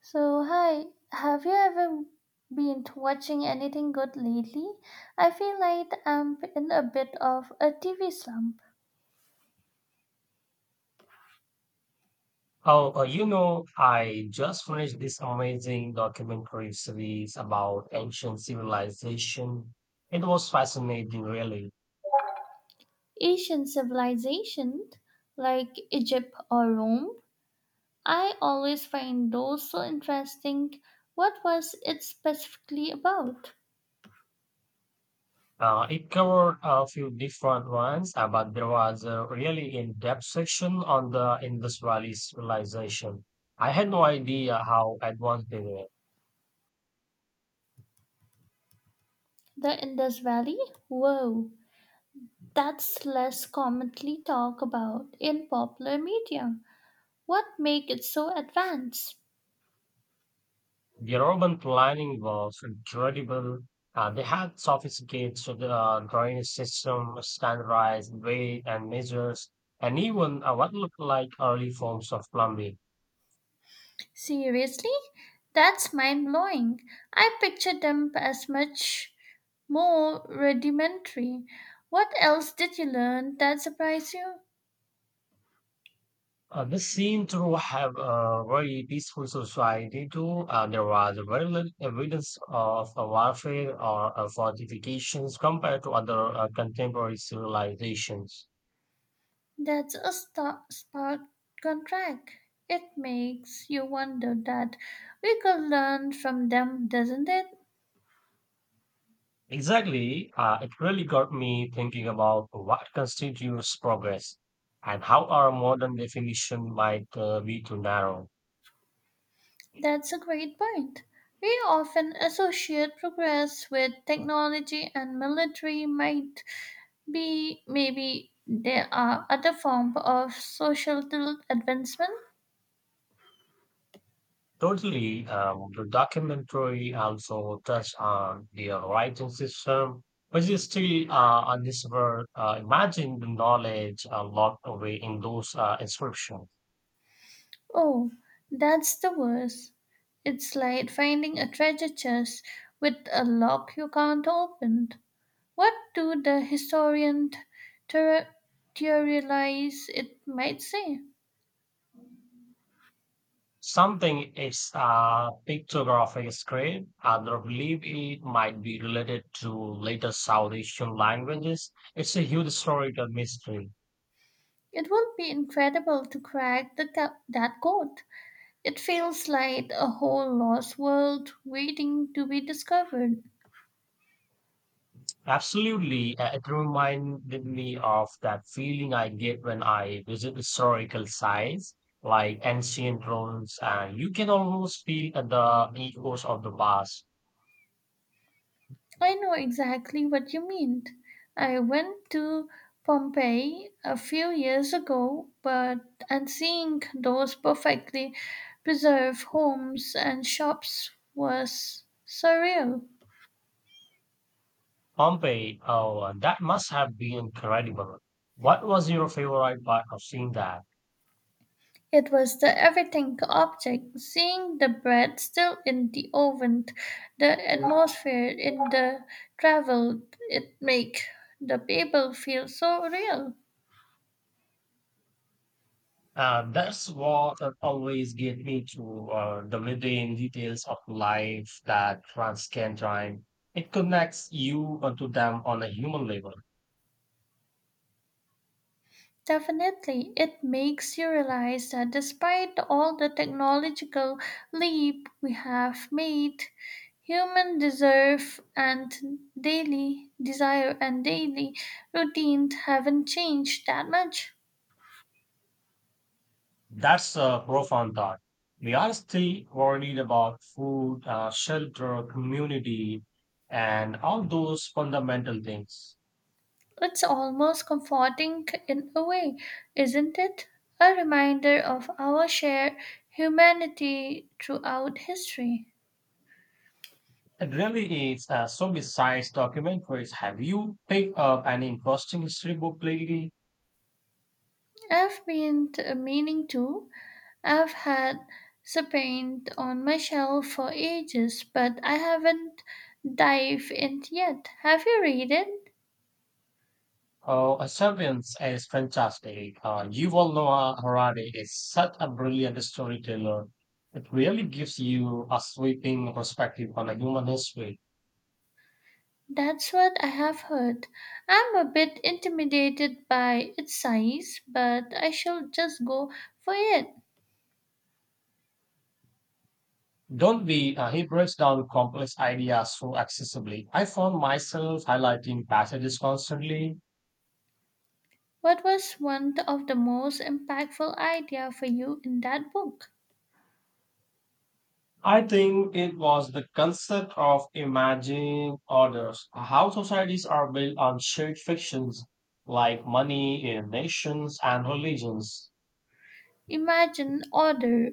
So, hi, have you ever been watching anything good lately? I feel like I'm in a bit of a TV slump. I just finished this amazing documentary series about ancient civilization. It was fascinating, really. Asian civilizations like Egypt or Rome, I always find those so interesting. What was it specifically about? It covered a few different ones, but there was a really in-depth section on the Indus Valley civilization. I had no idea how advanced they were. The Indus Valley? Whoa, that's less commonly talked about in popular media. What makes it so advanced? The urban planning was incredible. They had sophisticated drainage system, standardized weight and measures, and even what looked like early forms of plumbing. Seriously? That's mind blowing. I pictured them as much more rudimentary. What else did you learn that surprised you? They seemed to have a very peaceful society too. There was very little evidence of warfare or fortifications compared to other contemporary civilizations. That's a stark contract. It makes you wonder that we could learn from them, doesn't it? Exactly. It really got me thinking about what constitutes progress, and how our modern definition might be too narrow. That's a great point. We often associate progress with technology and military might, B. Maybe there are other forms of societal advancement. Totally. The documentary also touched on the writing system, which is still undiscovered. Imagine the knowledge locked away in those inscriptions. Oh, that's the worst. It's like finding a treasure chest with a lock you can't open. What do the historian theor- theorize it might say? Something is a picture of a scrape. Others believe it might be related to later South Asian languages. It's a huge historical mystery. It would be incredible to crack the that code. It feels like a whole lost world waiting to be discovered. Absolutely, it reminded me of that feeling I get when I visit historical sites like ancient ruins, and you can almost feel the echoes of the past. I know exactly what you mean. I went to Pompeii a few years ago, but and seeing those perfectly preserved homes and shops was surreal. Pompeii, oh, that must have been incredible. What was your favorite part of seeing that? It was the everything object, seeing the bread still in the oven, the atmosphere in the travel it make the people feel so real. That's what always get me to the mundane details of life that France can join. It connects you to them on a human level. Definitely, it makes you realize that despite all the technological leap we have made, human deserve and daily desire and daily routine haven't changed that much. That's a profound thought. We are still worried about food, shelter, community, and all those fundamental things. It's almost comforting in a way, isn't it? A reminder of our shared humanity throughout history. It really is. So, besides documentaries, have you picked up any interesting history book lately? I've been meaning to I've had Spain on my shelf for ages, but I haven't dived in yet. Have you read it? Oh, Serbians is fantastic. Yuval Noah Harari is such a brilliant storyteller. It really gives you a sweeping perspective on a human history. That's what I have heard. I'm a bit intimidated by its size, but I shall just go for it. Don't be, he breaks down complex ideas so accessibly. I found myself highlighting passages constantly. What was one of the most impactful idea for you in that book? I think it was the concept of imagining orders, how societies are built on shared fictions like money, nations, and religions. Imagine order.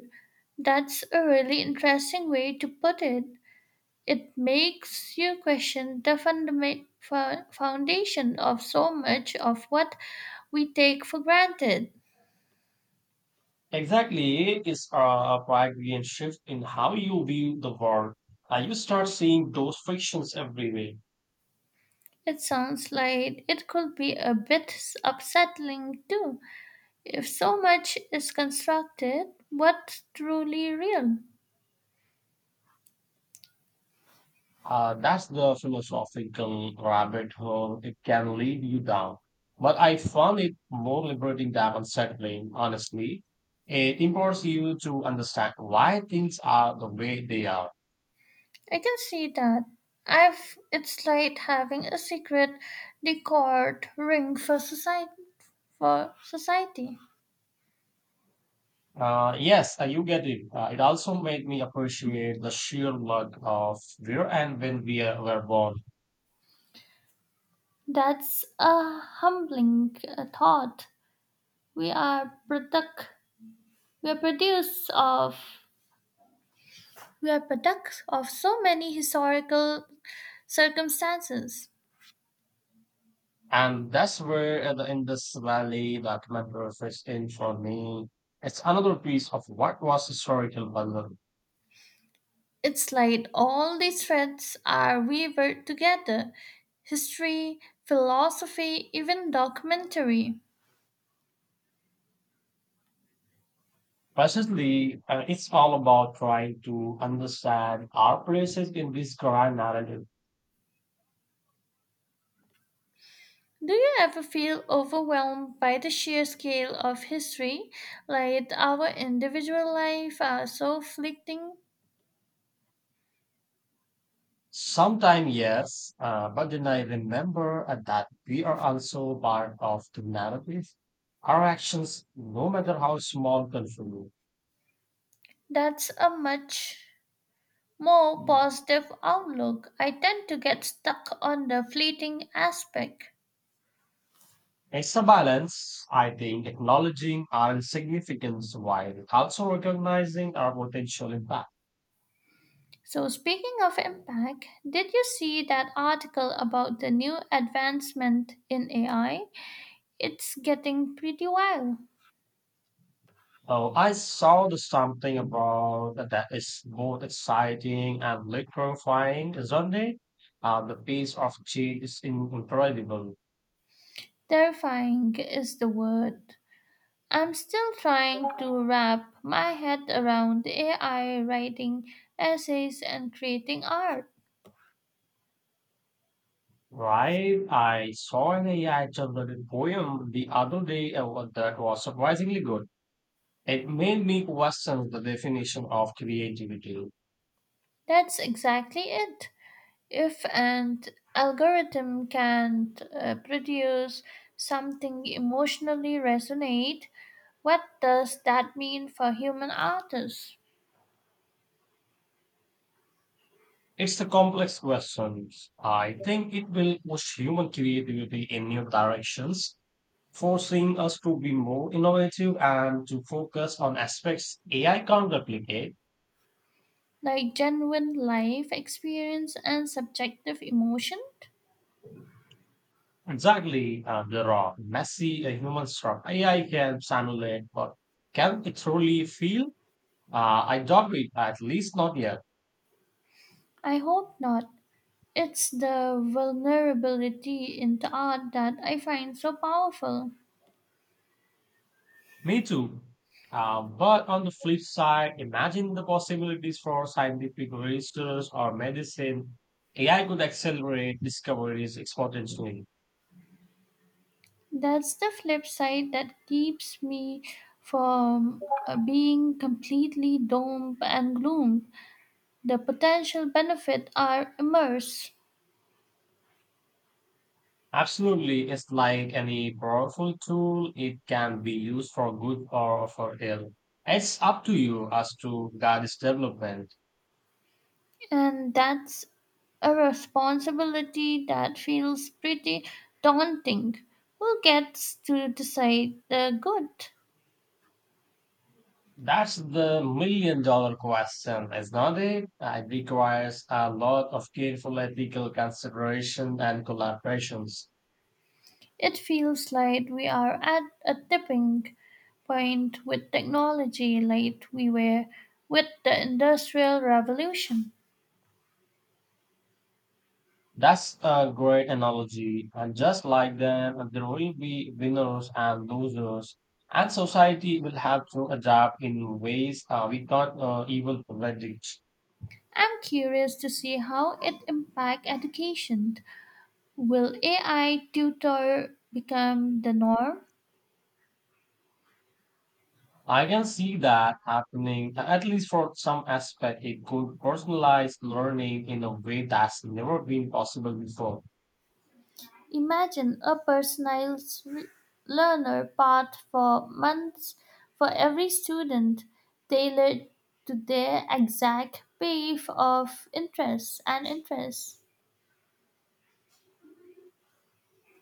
That's a really interesting way to put it. It makes you question the fundament, foundation of so much of what we take for granted. Exactly, it is a Pythagorean shift in how you view the world. You start seeing those frictions everywhere. It sounds like it could be a bit upsetting too. If so much is constructed, what's truly real? That's the philosophical rabbit hole it can lead you down. But I found it more liberating than unsettling, honestly. It empowers you to understand why things are the way they are. I can see that. I've it's like having a secret decored ring for society for society. Yes, you get it. It also made me appreciate the sheer luck of where and when were born. That's a humbling thought. We are product we are products of we are products of so many historical circumstances. And that's where the Indus Valley documentary fits in for me. It's another piece of what was historical value. It's like all these threads are weaved together. History, philosophy, even documentary. Precisely, it's all about trying to understand our places in this grand narrative. Do you ever feel overwhelmed by the sheer scale of history? Like our individual life are so fleeting? Sometimes, yes, but then I remember that we are also part of the narrative. Our actions, no matter how small, contribute. That's a much more positive outlook. I tend to get stuck on the fleeting aspect. It's a balance, I think, acknowledging our significance while also recognizing our potential impact. So, speaking of impact, did you see that article about the new advancement in AI? It's getting pretty wild. Oh, I saw the something about that is both exciting and electrifying, isn't it? The pace of change is incredible, Terrifying is the word. I'm still trying to wrap my head around AI writing essays and creating art. right? I saw an AI generated poem the other day that was surprisingly good. It made me question the definition of creativity. That's exactly it. If an algorithm can't produce something emotionally resonate, what does that mean for human artists, It's a complex question. I think it will push human creativity in new directions, forcing us to be more innovative and to focus on aspects AI can't replicate. like genuine life experience and subjective emotion? Exactly, the raw, messy human struck. AI can simulate, but can it truly feel? I doubt it, at least not yet. I hope not. It's the vulnerability in the art that I find so powerful. Me too. But on the flip side, imagine the possibilities for scientific research or medicine. AI could accelerate discoveries exponentially. That's the flip side that keeps me from being completely doom and gloom. The potential benefits are immense, Absolutely, it's like any powerful tool. It can be used for good or for ill. It's up to you as to guide its development. and that's a responsibility that feels pretty daunting. Who gets to decide the good? That's the million dollar question, isn't it? It requires a lot of careful ethical consideration and collaborations. It feels like we are at a tipping point with technology, like we were with the Industrial Revolution. That's a great analogy. And just like them, there will be winners and losers. And society will have to adapt in ways we can't even predict. I'm curious to see how it impacts education. Will AI tutor become the norm? I can see that happening, at least for some aspect. It could personalize learning in a way that's never been possible before. Imagine a personalized learner path for months for every student, tailored to their exact brief of interests and interests.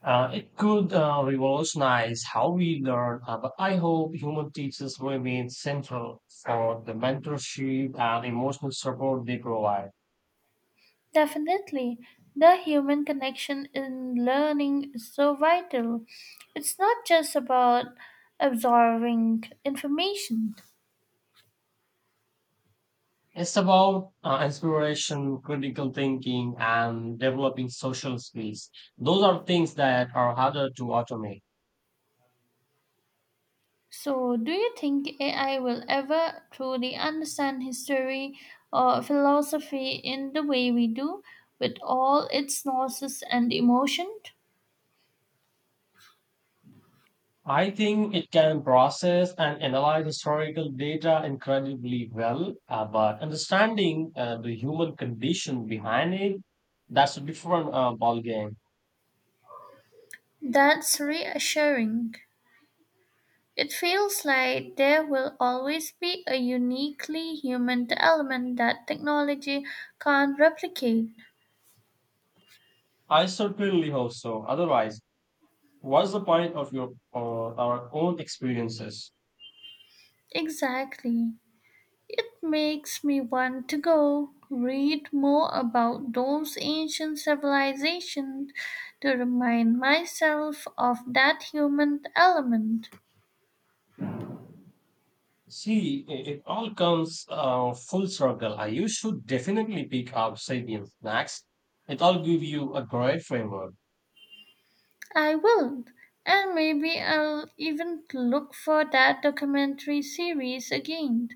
It could revolutionize how we learn, but I hope human teachers remain central for the mentorship and emotional support they provide. Definitely, the human connection in learning is so vital. It's not just about absorbing information. It's about inspiration, critical thinking, and developing social skills. Those are things that are harder to automate. So, do you think AI will ever truly understand history or philosophy in the way we do, with all its nuances and emotion? I think it can process and analyze historical data incredibly well, but understanding the human condition behind it, that's a different ballgame. That's reassuring. It feels like there will always be a uniquely human element that technology can't replicate. I certainly hope so. Otherwise, what's the point of your our own experiences? Exactly. It makes me want to go read more about those ancient civilizations to remind myself of that human element. See, it all comes full circle. You should definitely pick up Sabian Snacks. It all give you a great framework. I will, and maybe I'll even look for that documentary series again.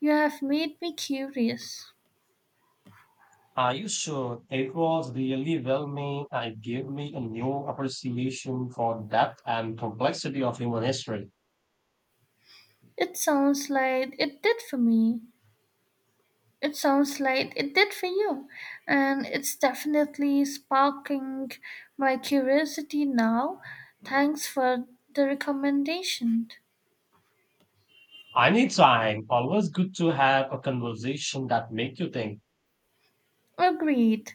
You have made me curious. Are you sure? It was really well made, and it gave me a new appreciation for depth and complexity of human history. It sounds like it did for me. It sounds like it did for you, and it's definitely sparking my curiosity now. Thanks for the recommendation. Anytime, always good to have a conversation that make you think. Agreed.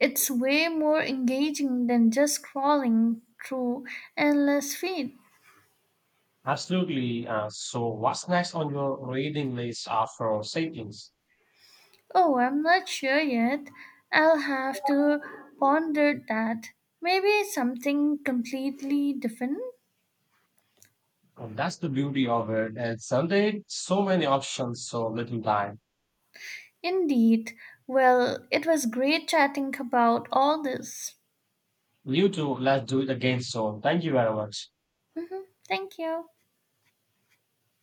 It's way more engaging than just scrolling through endless feed. Absolutely. So, what's next on your reading list after Sapiens? Oh, I'm not sure yet. I'll have to ponder that. Maybe something completely different? And that's the beauty of it. And someday, so many options, so little time. Indeed. Well, it was great chatting about all this. You too, let's do it again soon. Thank you very much. Thank you.